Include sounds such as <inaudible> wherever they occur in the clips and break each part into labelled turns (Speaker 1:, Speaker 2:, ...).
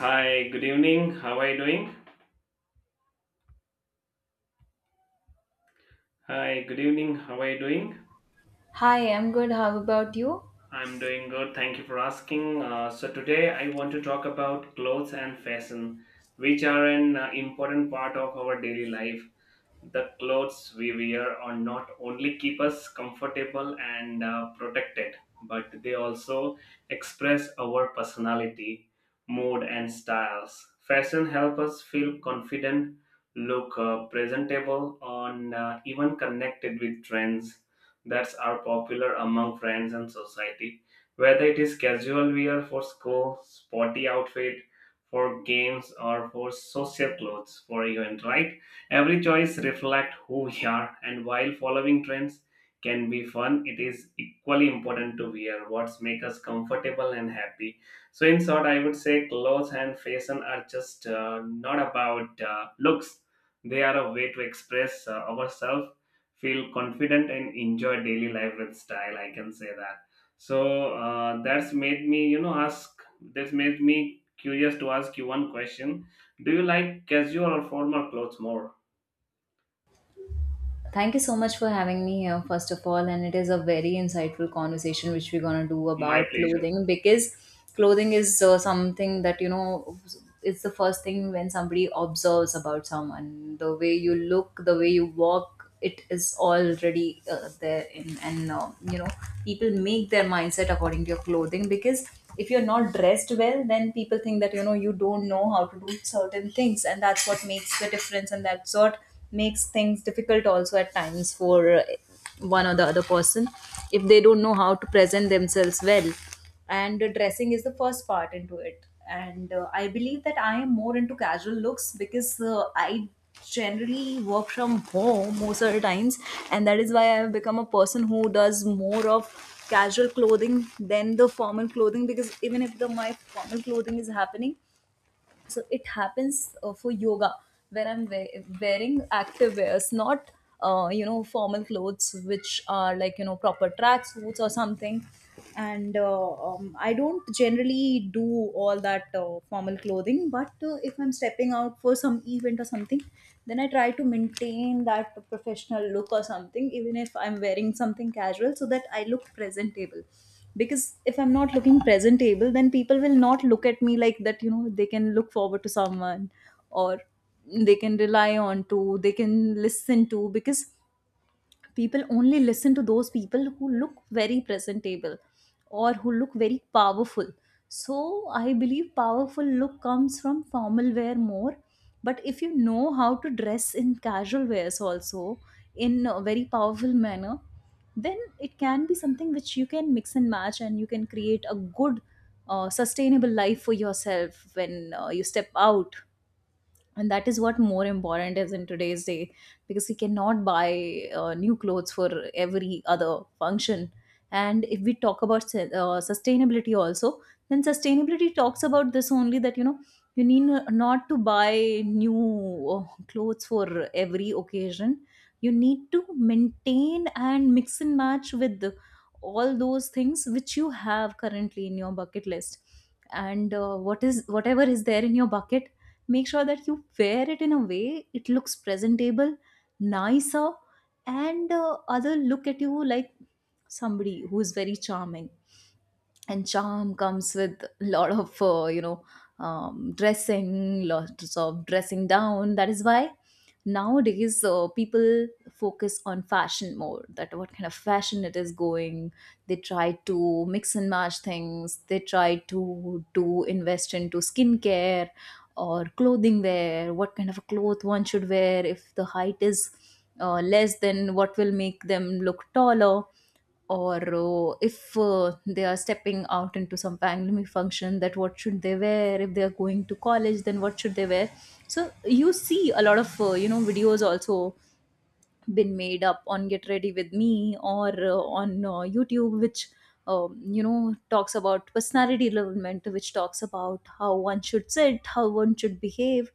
Speaker 1: Hi, good evening. How are you doing? Hi, good evening. How are you doing?
Speaker 2: Hi, I'm good. How about you?
Speaker 1: I'm doing good. Thank you for asking. So, today I want to talk about clothes and fashion, which are an important part of our daily life. The clothes we wear are not only keep us comfortable and protected, but they also express our personality, mood, and styles. Fashion help us feel confident, look presentable, and even connected with trends that are popular among friends and society. Whether it is casual wear for school, sporty outfit for games, or for social clothes for event, right? Every choice reflects who we are, and while following trends can be fun, it is equally important to wear what make us comfortable and happy. So, in short, I would say clothes and fashion are just not about looks, they are a way to express ourselves, feel confident, and enjoy daily life with style. I can say that. So, that's made me curious to ask you one question. Do you like casual or formal clothes more?
Speaker 2: Thank you so much for having me here, first of all. And it is a very insightful conversation which we're going to do
Speaker 1: My
Speaker 2: about
Speaker 1: pleasure.
Speaker 2: clothing because clothing is something that, you know, it's the first thing when somebody observes about someone. The way you look, the way you walk, it is already there. You know, people make their mindset according to your clothing because if you're not dressed well, then people think that, you know, you don't know how to do certain things. And that's what makes the difference. And that's what makes things difficult also at times for one or the other person if they don't know how to present themselves well and dressing is the first part into it and I believe that I am more into casual looks because I generally work from home most of the times, and that is why I have become a person who does more of casual clothing than the formal clothing, because even if the my formal clothing is happening, so it happens for yoga where wearing active wears, not you know, formal clothes which are like, you know, proper track suits or something. And I don't generally do all that formal clothing, but if I'm stepping out for some event or something, then I try to maintain that professional look or something even if I'm wearing something casual, so that I look presentable. Because if I'm not looking presentable, then people will not look at me like that, you know. They can look forward to someone, or they can rely on to, they can listen to, because people only listen to those people who look very presentable or who look very powerful. So I believe powerful look comes from formal wear more, but if you know how to dress in casual wears also in a very powerful manner, then it can be something which you can mix and match, and you can create a good sustainable life for yourself when you step out. And that is what more important is in today's day, because we cannot buy new clothes for every other function. And if we talk about sustainability also, then sustainability talks about this only, that you know, you need not to buy new clothes for every occasion. You need to maintain and mix and match with all those things which you have currently in your bucket list. And what is whatever is there in your bucket, make sure that you wear it in a way it looks presentable, nicer, and other look at you like somebody who is very charming. And charm comes with a lot of dressing, lots of dressing down. That is why nowadays people focus on fashion more, that what kind of fashion it is going. They try to mix and match things, they try to invest into skincare or clothing wear, what kind of a cloth one should wear. If the height is less, then what will make them look taller? Or if they are stepping out into some family function, that what should they wear? If they are going to college, then what should they wear? So you see a lot of videos also been made up on Get Ready With Me or on YouTube, which you know, talks about personality development, which talks about how one should sit, how one should behave,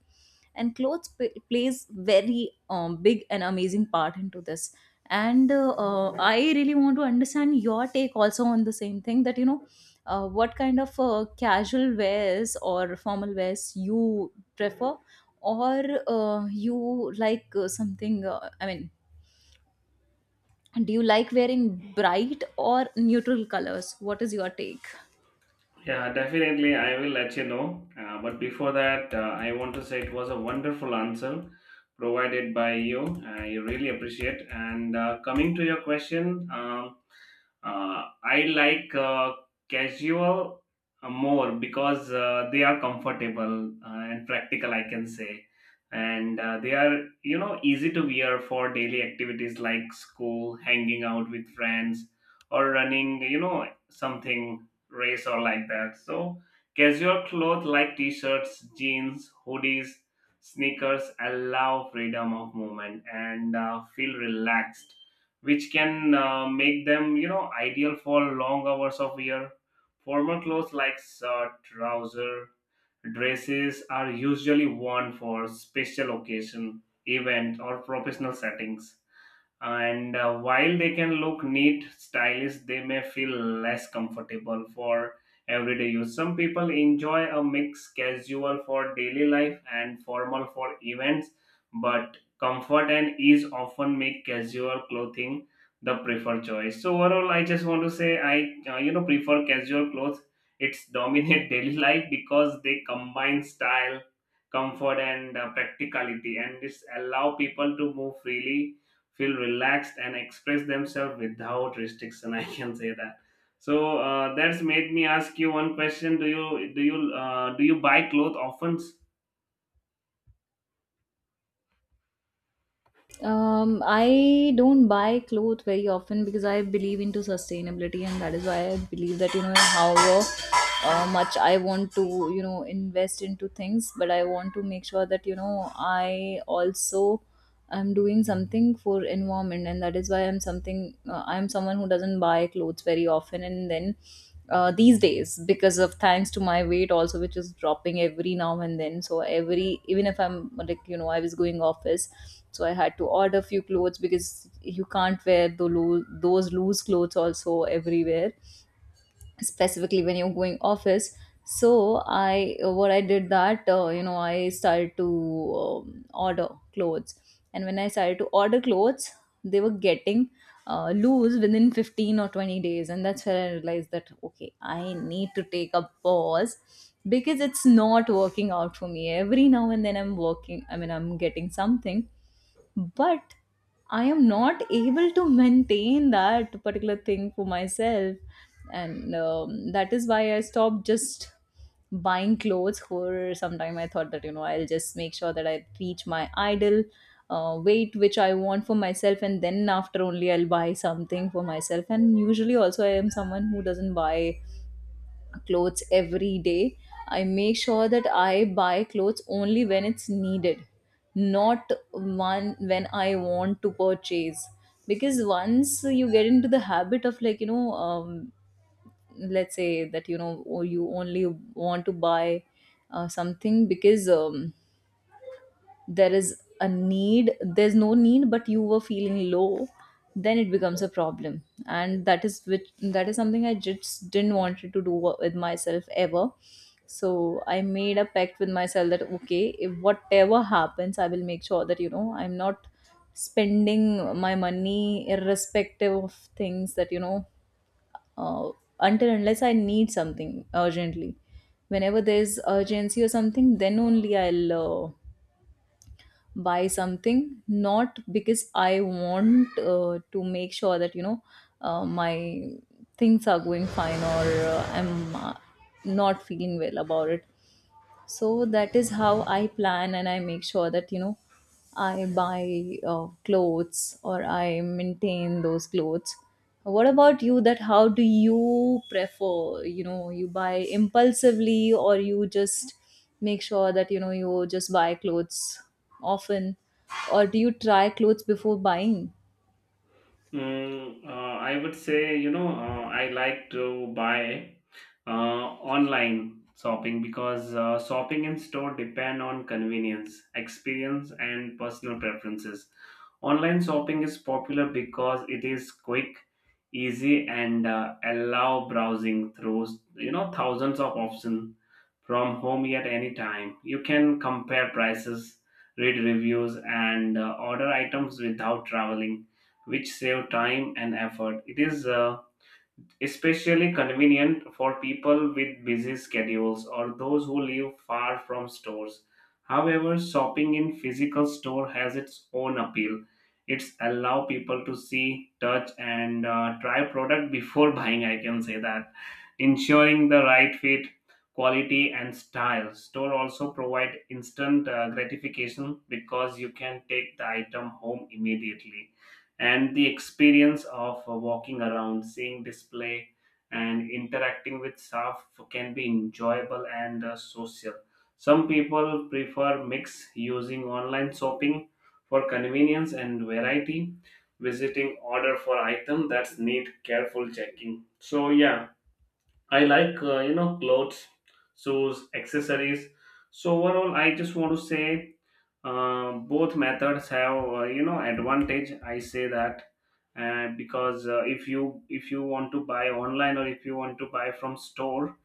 Speaker 2: and plays very big and amazing part into this. And I really want to understand your take also on the same thing, that you know. What kind of casual wears or formal wears you prefer? Or you like something I mean, do you like wearing bright or neutral colors? What is your take?
Speaker 1: Yeah, definitely. I will let you know. But before that, I want to say it was a wonderful answer provided by you. I really appreciate. And coming to your question, I like casual more because they are comfortable and practical, I can say. And they are, easy to wear for daily activities like school, hanging out with friends, or running, something race or like that. So, casual clothes like t shirts, jeans, hoodies, sneakers allow freedom of movement and feel relaxed, which can make them, ideal for long hours of wear. Formal clothes like trouser dresses are usually worn for special occasion, event, or professional settings. And while they can look neat, stylish, they may feel less comfortable for everyday use. Some people enjoy a mix, casual for daily life and formal for events, but comfort and ease often make casual clothing the preferred choice. So overall, I just want to say I prefer casual clothes. It's dominate <laughs> daily life because they combine style, comfort, and practicality, and this allow people to move freely, feel relaxed, and express themselves without restriction. <laughs> I can say that. So that's made me ask you one question. Do you do you uh, do you buy clothes often?
Speaker 2: I don't buy clothes very often because I believe into sustainability, and that is why I believe that, you know, however much I want to, you know, invest into things, but I want to make sure that, you know, I also am doing something for environment. And that is why I'm something I'm someone who doesn't buy clothes very often. And then these days, because of, thanks to my weight also, which is dropping every now and then, so every, even if I'm like, you know, I was going office, so I had to order few clothes because you can't wear those loose clothes also everywhere, specifically when you're going office. So i, what I did, that you know, I started to order clothes. And when I started to order clothes, they were getting loose within 15 or 20 days. And that's where I realized that okay, I need to take a pause because it's not working out for me. Every now and then I'm working, I mean, I'm getting something, but I am not able to maintain that particular thing for myself. And that is why I stopped just buying clothes for some time. I thought that, you know, I'll just make sure that I reach my ideal weight which I want for myself, and then after only I'll buy something for myself. And usually also, I am someone who doesn't buy clothes every day. I make sure that I buy clothes only when it's needed, not one when I want to purchase. Because once you get into the habit of, like you know, let's say that, you know, or you only want to buy something because there is a need, there's no need, but you were feeling low, then it becomes a problem. And that is something I just didn't wanted to do with myself ever. So I made a pact with myself that okay, if whatever happens, I will make sure that, you know, I'm not spending my money irrespective of things, that you know, uh, until unless I need something urgently, whenever there's urgency or something, then only I'll uh, buy something. Not because I want to make sure that, you know, my things are going fine, or I'm not feeling well about it. So that is how I plan, and I make sure that, you know, I buy clothes, or I maintain those clothes. What about you, that how do you prefer? You know, you buy impulsively, or you just make sure that, you know, you just buy clothes often? Or do you try clothes before buying?
Speaker 1: I would say, I like to buy online shopping because shopping in store depend on convenience, experience, and personal preferences. Online shopping is popular because it is quick, easy, and allow browsing through, thousands of options from home at any time. You can compare prices, read reviews, and order items without traveling, which save time and effort. It is especially convenient for people with busy schedules or those who live far from stores. However, shopping in physical store has its own appeal. It's allow people to see, touch, and try product before <laughs> buying. I can say that, ensuring the right fit, quality, and style. Store also provide instant gratification because you can take the item home immediately. And the experience of walking around, seeing display, and interacting with staff can be enjoyable and social. Some people prefer mix using online shopping for convenience and variety, visiting order for item that's need careful checking. So yeah, I like clothes, shoes, accessories. So overall, I just want to say both methods have advantage. I say that because if you want to buy online or if you want to buy from store,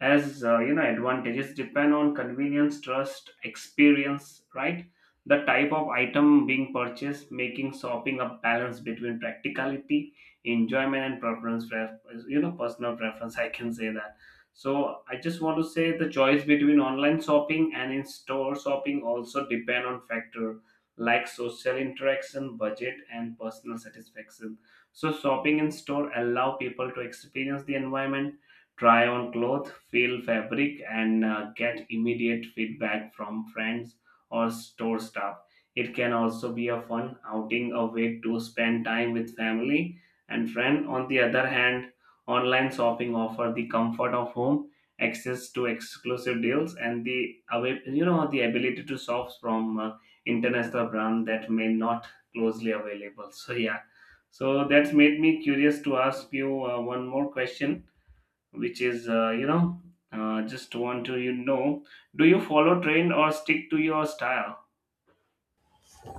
Speaker 1: as advantages depend on convenience, trust, experience, right? The type of item being purchased, making shopping a balance between practicality, enjoyment, and preference, personal preference. <laughs> I can say that. So I just want to say the choice between online shopping and in store shopping also depend on factor like social interaction, budget, and personal satisfaction. So shopping in store allow people to experience the environment, try on cloth, feel fabric, and get immediate feedback from friends or store staff. It can also be a fun outing, a way to spend time with family and friend. On the other hand, online shopping offer the comfort of home, access to exclusive deals, and the away, the ability to shop from international brand that may not closely available. So yeah, so that's made me curious to ask you one more question, which is just want to, do you follow trend or stick to your style?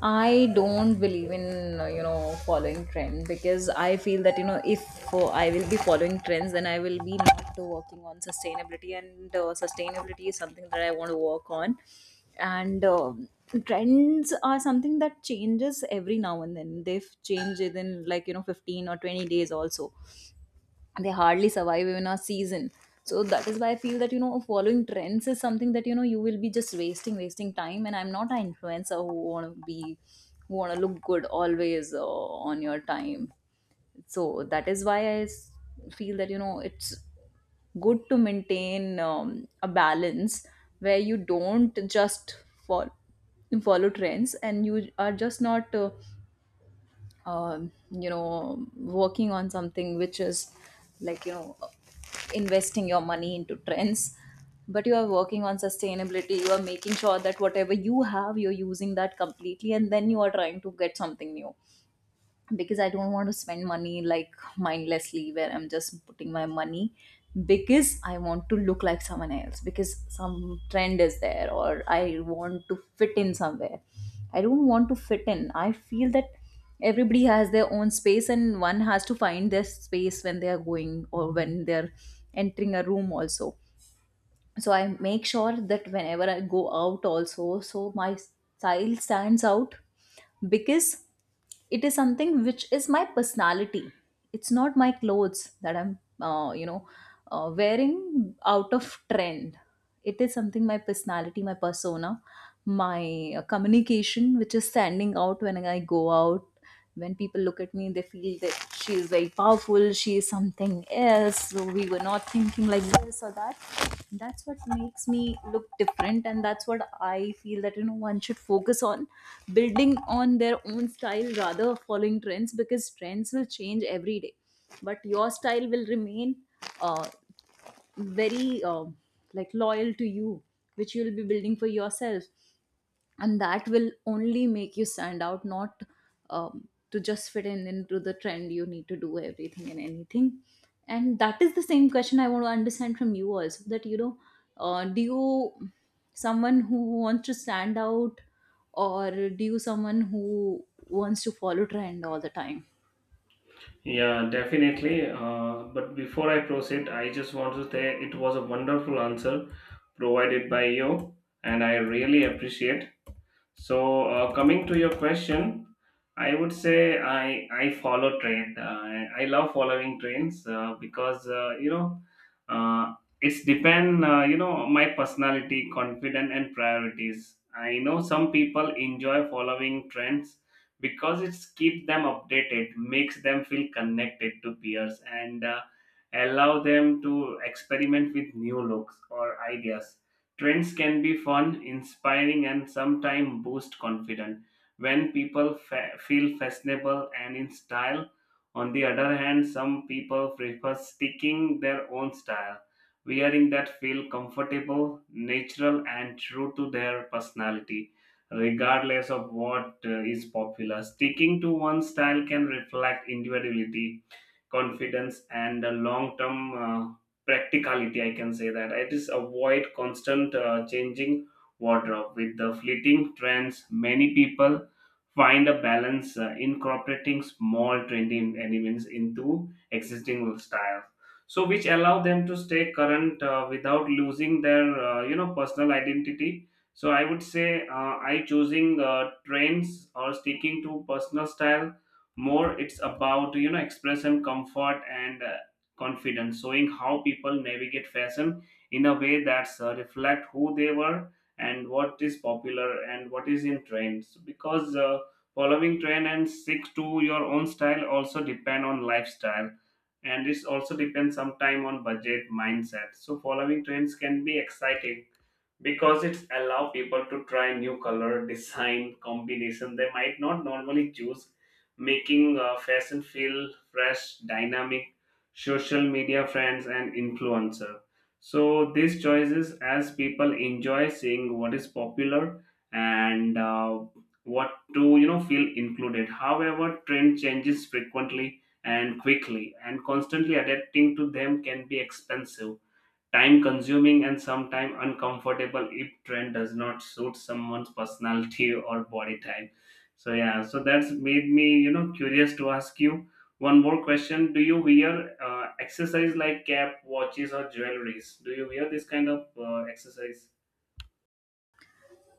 Speaker 2: I don't believe in you know, following trend, because I feel that, you know, if I will be following trends, then I will be not working on sustainability. And sustainability is something that I want to work on. And um, trends are something that changes every now and then. They've changed within, like you know, 15 or 20 days also. They hardly survive even a season. So that is why I feel that, you know, following trends is something that, you know, you will be just wasting time. And I'm not an influencer who want to be, who want to look good always on your time. So that is why feel that, you know, it's good to maintain a balance where you don't just follow follow trends, and you are just not you know, working on something which is, like you know, investing your money into trends, but you are working on sustainability. You are making sure that whatever you have, you're using that completely, and then you are trying to get something new. Because I don't want to spend money like mindlessly, where I'm just putting my money because I want to look like someone else because some trend is there, or I want to fit in somewhere. I don't want to fit in. I feel that everybody has their own space and one has to find their space when they are going or when they're entering a room also. So I make sure that whenever I go out also, so my style stands out because it is something which is my personality. It's not my clothes that I'm wearing out of trend. It is something, my personality, my persona, my communication, which is standing out when I go out. When people look at me, they feel that she is very powerful, she is something else, so we were not thinking like this or that. That's what makes me look different, and that's what I feel that you know one should focus on building on their own style rather following trends, because trends will change every day but your style will remain uh, very like loyal to you, which you will be building for yourself. And that will only make you stand out, not, to just fit in into the trend you need to do everything and anything. And that is the same question I want to understand from you also, that you know, do you someone who wants to stand out or do you someone who wants to follow trend all the time?
Speaker 1: Yeah, definitely. But before I proceed, I just want to say it was a wonderful answer provided by you, and I really appreciate. So, coming to your question, I would say I follow trend. I love following trends because uh, it's depend my personality, confidence, and priorities. I know some people enjoy following trends because it's keep them updated, makes them feel connected to peers, and allow them to experiment with new looks or ideas. Trends can be fun, inspiring, and sometimes boost confidence. When people feel fashionable and in style, on the other hand, some people prefer sticking their own style, wearing that feel comfortable, natural, and true to their personality, regardless of what is popular. Sticking to one style can reflect individuality, confidence, and long term practicality, I can say that. It is avoid constant changing wardrobe with the fleeting trends. Many people find a balance incorporating small trendy elements into existing styles, so which allow them to stay current without losing their personal identity. So I would say I choosing trends or sticking to personal style more, it's about, express and comfort and confidence, showing how people navigate fashion in a way that reflect who they were and what is popular and what is in trends. Because following trend and stick to your own style also depend on lifestyle, and this also depends sometime on budget, mindset. So following trends can be exciting because it's allow people to try new color design combination they might not normally choose, making fashion feel fresh, dynamic, social media, friends, and influencer. So these choices as people enjoy seeing what is popular and what to feel included. However, trend changes frequently and quickly, and constantly adapting to them can be expensive, time consuming, and sometimes uncomfortable if trend does not suit someone's personality or body type. So yeah, so that's made me curious to ask you one more question. Do you wear accessories like cap, watches, or jewelries? Do you wear this kind of exercise?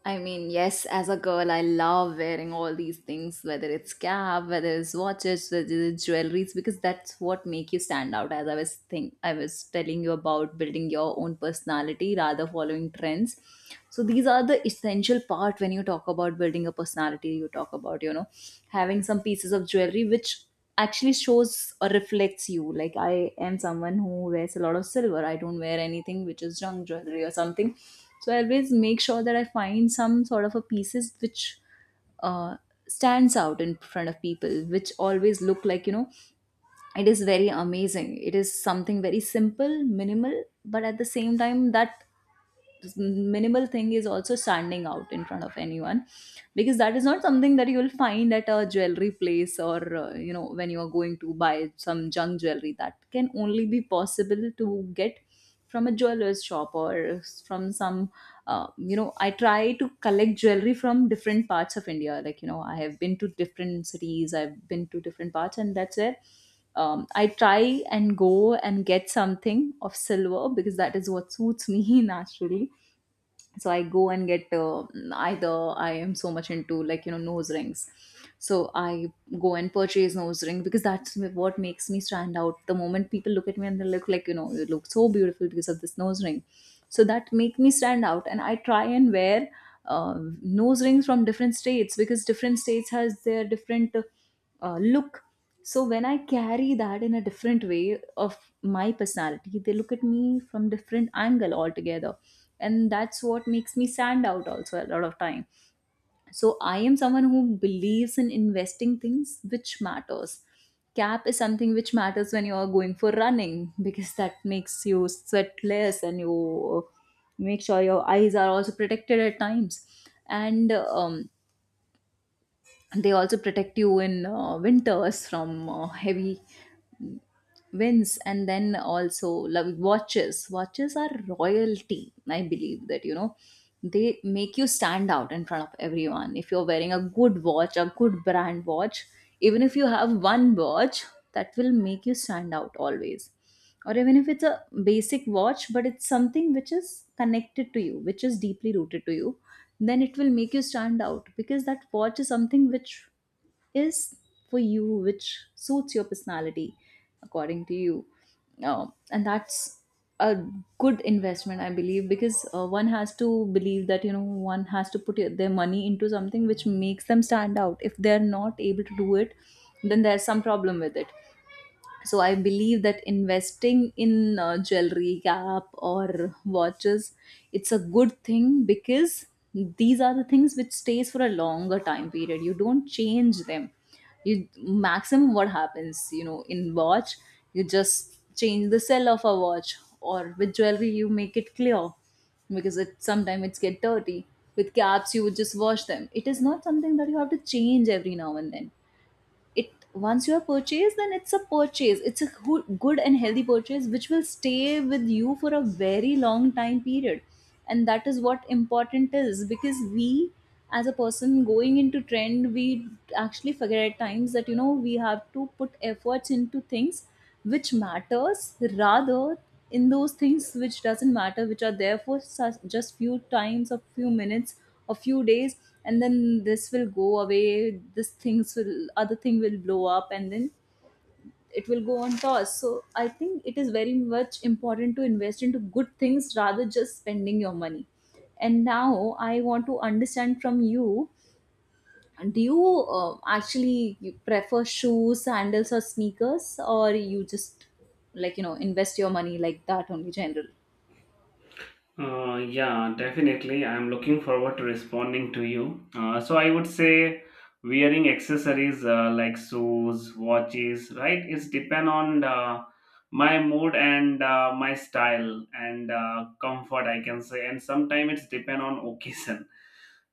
Speaker 2: I mean, yes, as a girl, I love wearing all these things, whether it's cap, whether it's watches, whether it's jewelries, because that's what make you stand out. As I was think, I was telling you about building your own personality rather following trends. So these are the essential part when you talk about building a personality. You talk about, you know, having some pieces of jewelry which actually shows or reflects you. Like I am someone who wears a lot of silver. I don't wear anything which is junk jewelry or something, so I always make sure that I find some sort of a pieces which uh, stands out in front of people, which always look like, you know, it is very amazing. It is something very simple, minimal, but at the same time that minimal thing is also standing out in front of anyone, because that is not something that you will find at a jewelry place or, you know, when you are going to buy some junk jewelry, that can only be possible to get from a jeweler's shop or from some you know. I try to collect jewelry from different parts of India, like you know I have been to different cities, I've been to different parts, and that's where I try and go and get something of silver because that is what suits me <laughs> naturally. So I go and get either, I am so much into like you know nose rings. So I go and purchase nose ring because that's what makes me stand out. The moment people look at me and they look like, you know, you look so beautiful because of this nose ring. So that make me stand out, and I try and wear nose rings from different states because different states has their different look. So when I carry that in a different way of my personality, they look at me from different angle altogether, and that's what makes me stand out also a lot of time. So I am someone who believes in investing things which matters. Cap is something which matters when you are going for running because that makes you sweat less and you make sure your eyes are also protected at times. And they also protect you in winters from heavy wins. And then also, like, watches are royalty. I believe that, you know, they make you stand out in front of everyone if you're wearing a good watch, a good brand watch. Even if you have one watch, that will make you stand out always. Or even if it's a basic watch, but it's something which is connected to you, which is deeply rooted to you, then it will make you stand out because that watch is something which is for you, which suits your personality according to you. And that's a good investment, I believe, because one has to believe that, you know, one has to put their money into something which makes them stand out. If they're not able to do it, then there's some problem with it. So I believe that investing in jewelry, cap, or watches, it's a good thing, because these are the things which stays for a longer time period. You don't change them. You, maximum what happens, you know, in watch, you just change the cell of a watch, or with jewelry you make it clear because it sometimes it's get dirty. With caps, you would just wash them. It is not something that you have to change every now and then. It once you have purchased, then it's a purchase. It's a good and healthy purchase which will stay with you for a very long time period. And that is what important is, because we, as a person going into trend, we actually forget at times that, you know, we have to put efforts into things which matters, rather in those things which doesn't matter, which are there for such, just few times, a few minutes, a few days, and then this will go away. This things will, other thing will blow up, and then it will go on toss. So I think it is very much important to invest into good things rather just spending your money. And now I want to understand from you, do you actually you prefer shoes, sandals, or sneakers, or you just like, you know, invest your money like that only general?
Speaker 1: Yeah, definitely. I'm looking forward to responding to you. So I would say wearing accessories like shoes, watches, right? It's depend on my mood and my style and comfort, I can say. And sometimes it's depend on occasion.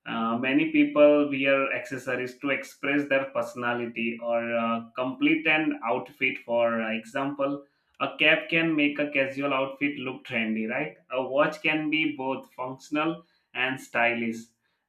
Speaker 1: Many people wear accessories to express their personality or complete an outfit. For example, a cap can make a casual outfit look trendy, right? A watch can be both functional and stylish.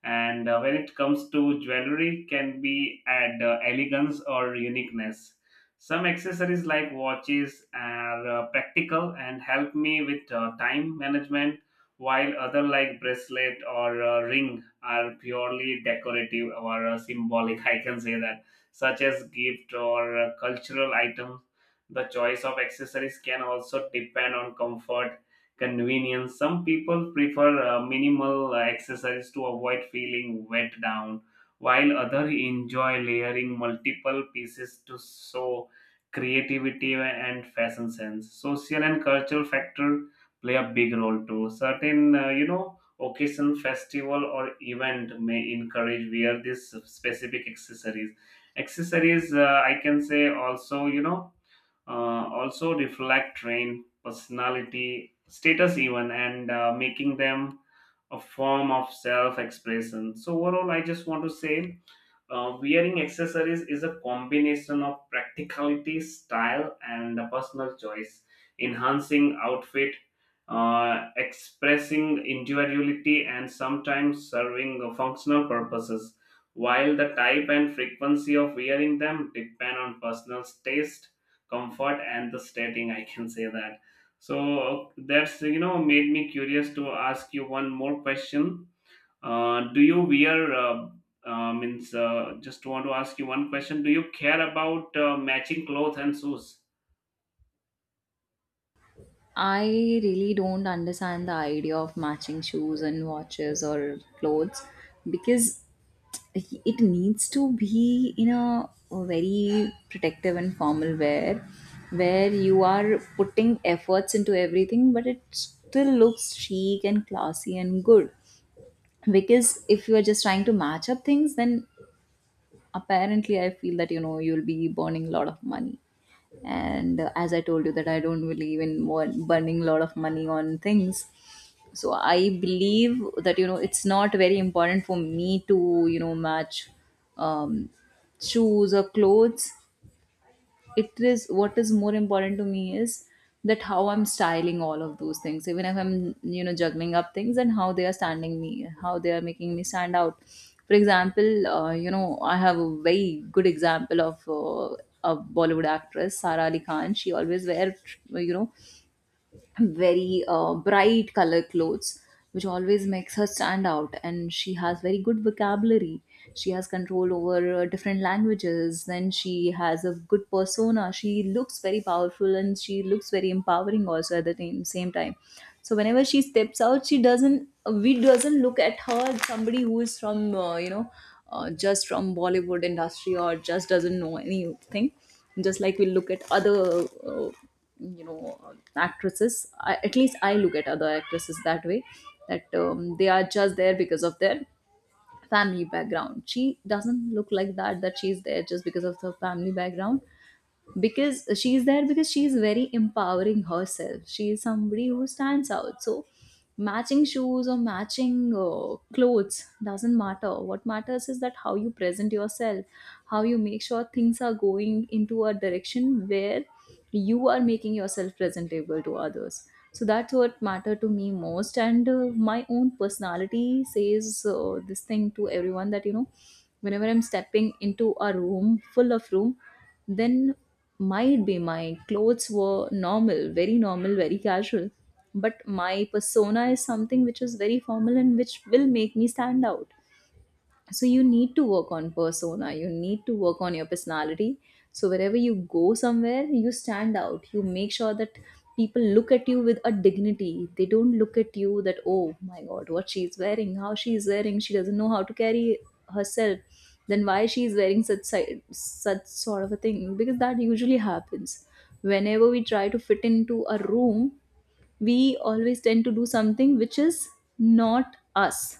Speaker 1: And when it comes to jewelry, can be add elegance or uniqueness. Some accessories like watches are practical and help me with time management, while other like bracelet or ring are purely decorative or symbolic, I can say that, such as gift or cultural items. The choice of accessories can also depend on comfort, convenience. Some people prefer minimal accessories to avoid feeling wet down, while others enjoy layering multiple pieces to show creativity and fashion sense. Social and cultural factor play a big role too. Certain, occasion, festival, or event may encourage wear these specific accessories. Accessories, I can say, also, also reflect train personality, status, even, and making them a form of self-expression. So overall, I just want to say wearing accessories is a combination of practicality, style, and a personal choice, enhancing outfit, expressing individuality, and sometimes serving functional purposes. While the type and frequency of wearing them depend on personal taste, comfort, and the setting, I can say that. So that's made me curious to ask you one more question. Do you wear means just want to ask you one question. Do you care about matching clothes and shoes?
Speaker 2: I really don't understand the idea of matching shoes and watches or clothes, because it needs to be in a very protective and formal wear where you are putting efforts into everything, but it still looks chic and classy and good. Because if you are just trying to match up things, then apparently I feel that, you know, you'll be burning a lot of money. And as I told you that I don't believe in burning a lot of money on things. So I believe that, you know, it's not very important for me to, you know, match um, shoes or clothes. It is, what is more important to me is that how I'm styling all of those things, even if I'm, you know, juggling up things, and how they are standing me, how they are making me stand out. For example, you know, I have a very good example of a Bollywood actress Sara Ali Khan. She always wear, you know, very bright color clothes which always makes her stand out. And she has very good vocabulary, she has control over different languages, then she has a good persona, she looks very powerful and she looks very empowering also at the same time. So whenever she steps out, she doesn't, we doesn't look at her as somebody who is from just from Bollywood industry or just doesn't know anything, just like we look at other actresses. At least I look at other actresses that way, that they are just there because of their family background. She doesn't look like that, that she's there just because of her family background, because she's there because she's very empowering herself, she is somebody who stands out. So matching shoes or matching clothes doesn't matter. What matters is that how you present yourself, how you make sure things are going into a direction where you are making yourself presentable to others. So that's what mattered to me most. And my own personality says this thing to everyone, that, you know, whenever I'm stepping into a room, full of room, then might be my clothes were normal, very casual, but my persona is something which is very formal and which will make me stand out. So you need to work on persona, you need to work on your personality, so wherever you go somewhere you stand out, you make sure that people look at you with a dignity. They don't look at you that, oh my god, what she's wearing, how she's wearing, she doesn't know how to carry herself, then why she's wearing such such sort of a thing. Because that usually happens whenever we try to fit into a room, we always tend to do something which is not us.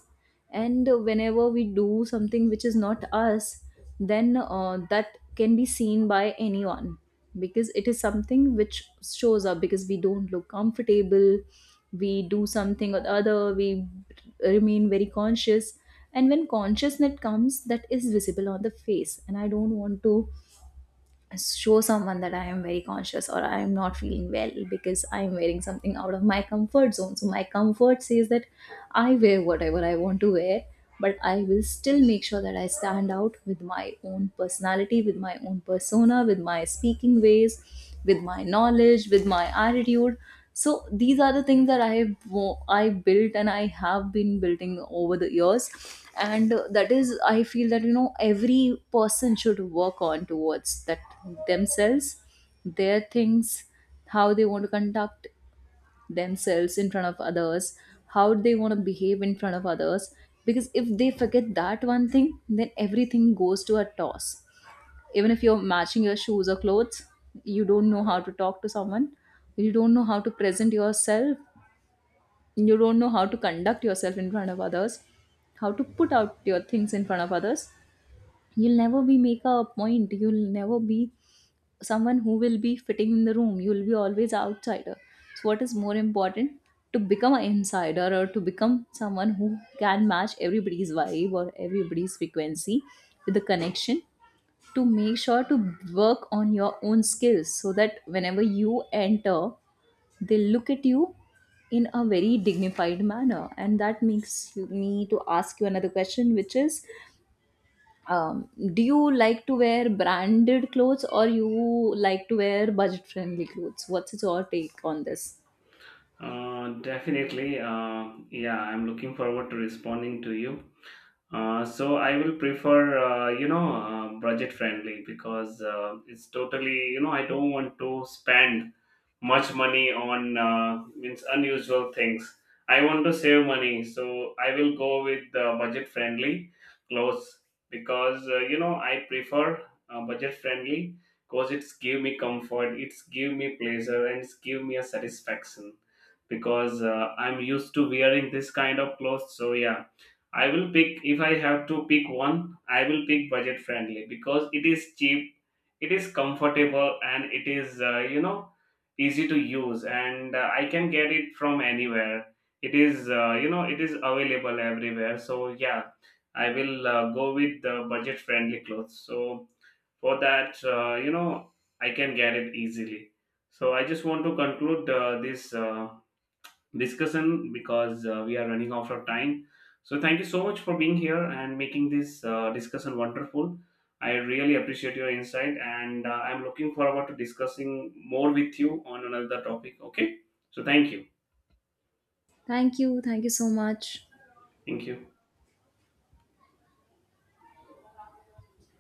Speaker 2: And whenever we do something which is not us, then that can be seen by anyone because it is something which shows up, because we don't look comfortable. We do something or the other, we remain very conscious. And when consciousness comes, that is visible on the face, and I don't want to show someone that I am very conscious or I am not feeling well because I am wearing something out of my comfort zone. So my comfort says that I wear whatever I want to wear, but I will still make sure that I stand out with my own personality, with my own persona, with my speaking ways, with my knowledge, with my attitude. So these are the things that I have I built and I have been building over the years. And that is, I feel that, you know, every person should work on towards that, themselves, their things, how they want to conduct themselves in front of others, how they want to behave in front of others. Because if they forget that one thing, then everything goes to a toss. Even if you're matching your shoes or clothes, you don't know how to talk to someone, you don't know how to present yourself, you don't know how to conduct yourself in front of others, how to put out your things in front of others, you'll never be make a point, you'll never be someone who will be fitting in the room, you'll be always outsider. So what is more important, to become an insider or to become someone who can match everybody's vibe or everybody's frequency with the connection, to make sure to work on your own skills so that whenever you enter, they look at you in a very dignified manner. And that makes me to ask you another question, which is, um, do you like to wear branded clothes or you like to wear budget friendly clothes? What's your take on this?
Speaker 1: Definitely yeah, I'm looking forward to responding to you. So I will prefer budget friendly because it's totally, I don't want to spend much money on means unusual things. I want to save money, so I will go with budget friendly clothes because I prefer budget friendly because it's give me comfort, it's give me pleasure, and it's give me a satisfaction because I'm used to wearing this kind of clothes. So yeah, I will pick, if I have to pick one, I will pick budget friendly because it is cheap, it is comfortable, and it is easy to use. And I can get it from anywhere. It is it is available everywhere. So yeah, I will go with the budget friendly clothes. So for that, I can get it easily. So I just want to conclude this discussion because we are running out of time. So thank you so much for being here and making this discussion wonderful. I really appreciate your insight, and I'm looking forward to discussing more with you on another topic. Okay, so thank you,
Speaker 2: Thank you, thank you so much.
Speaker 1: thank you.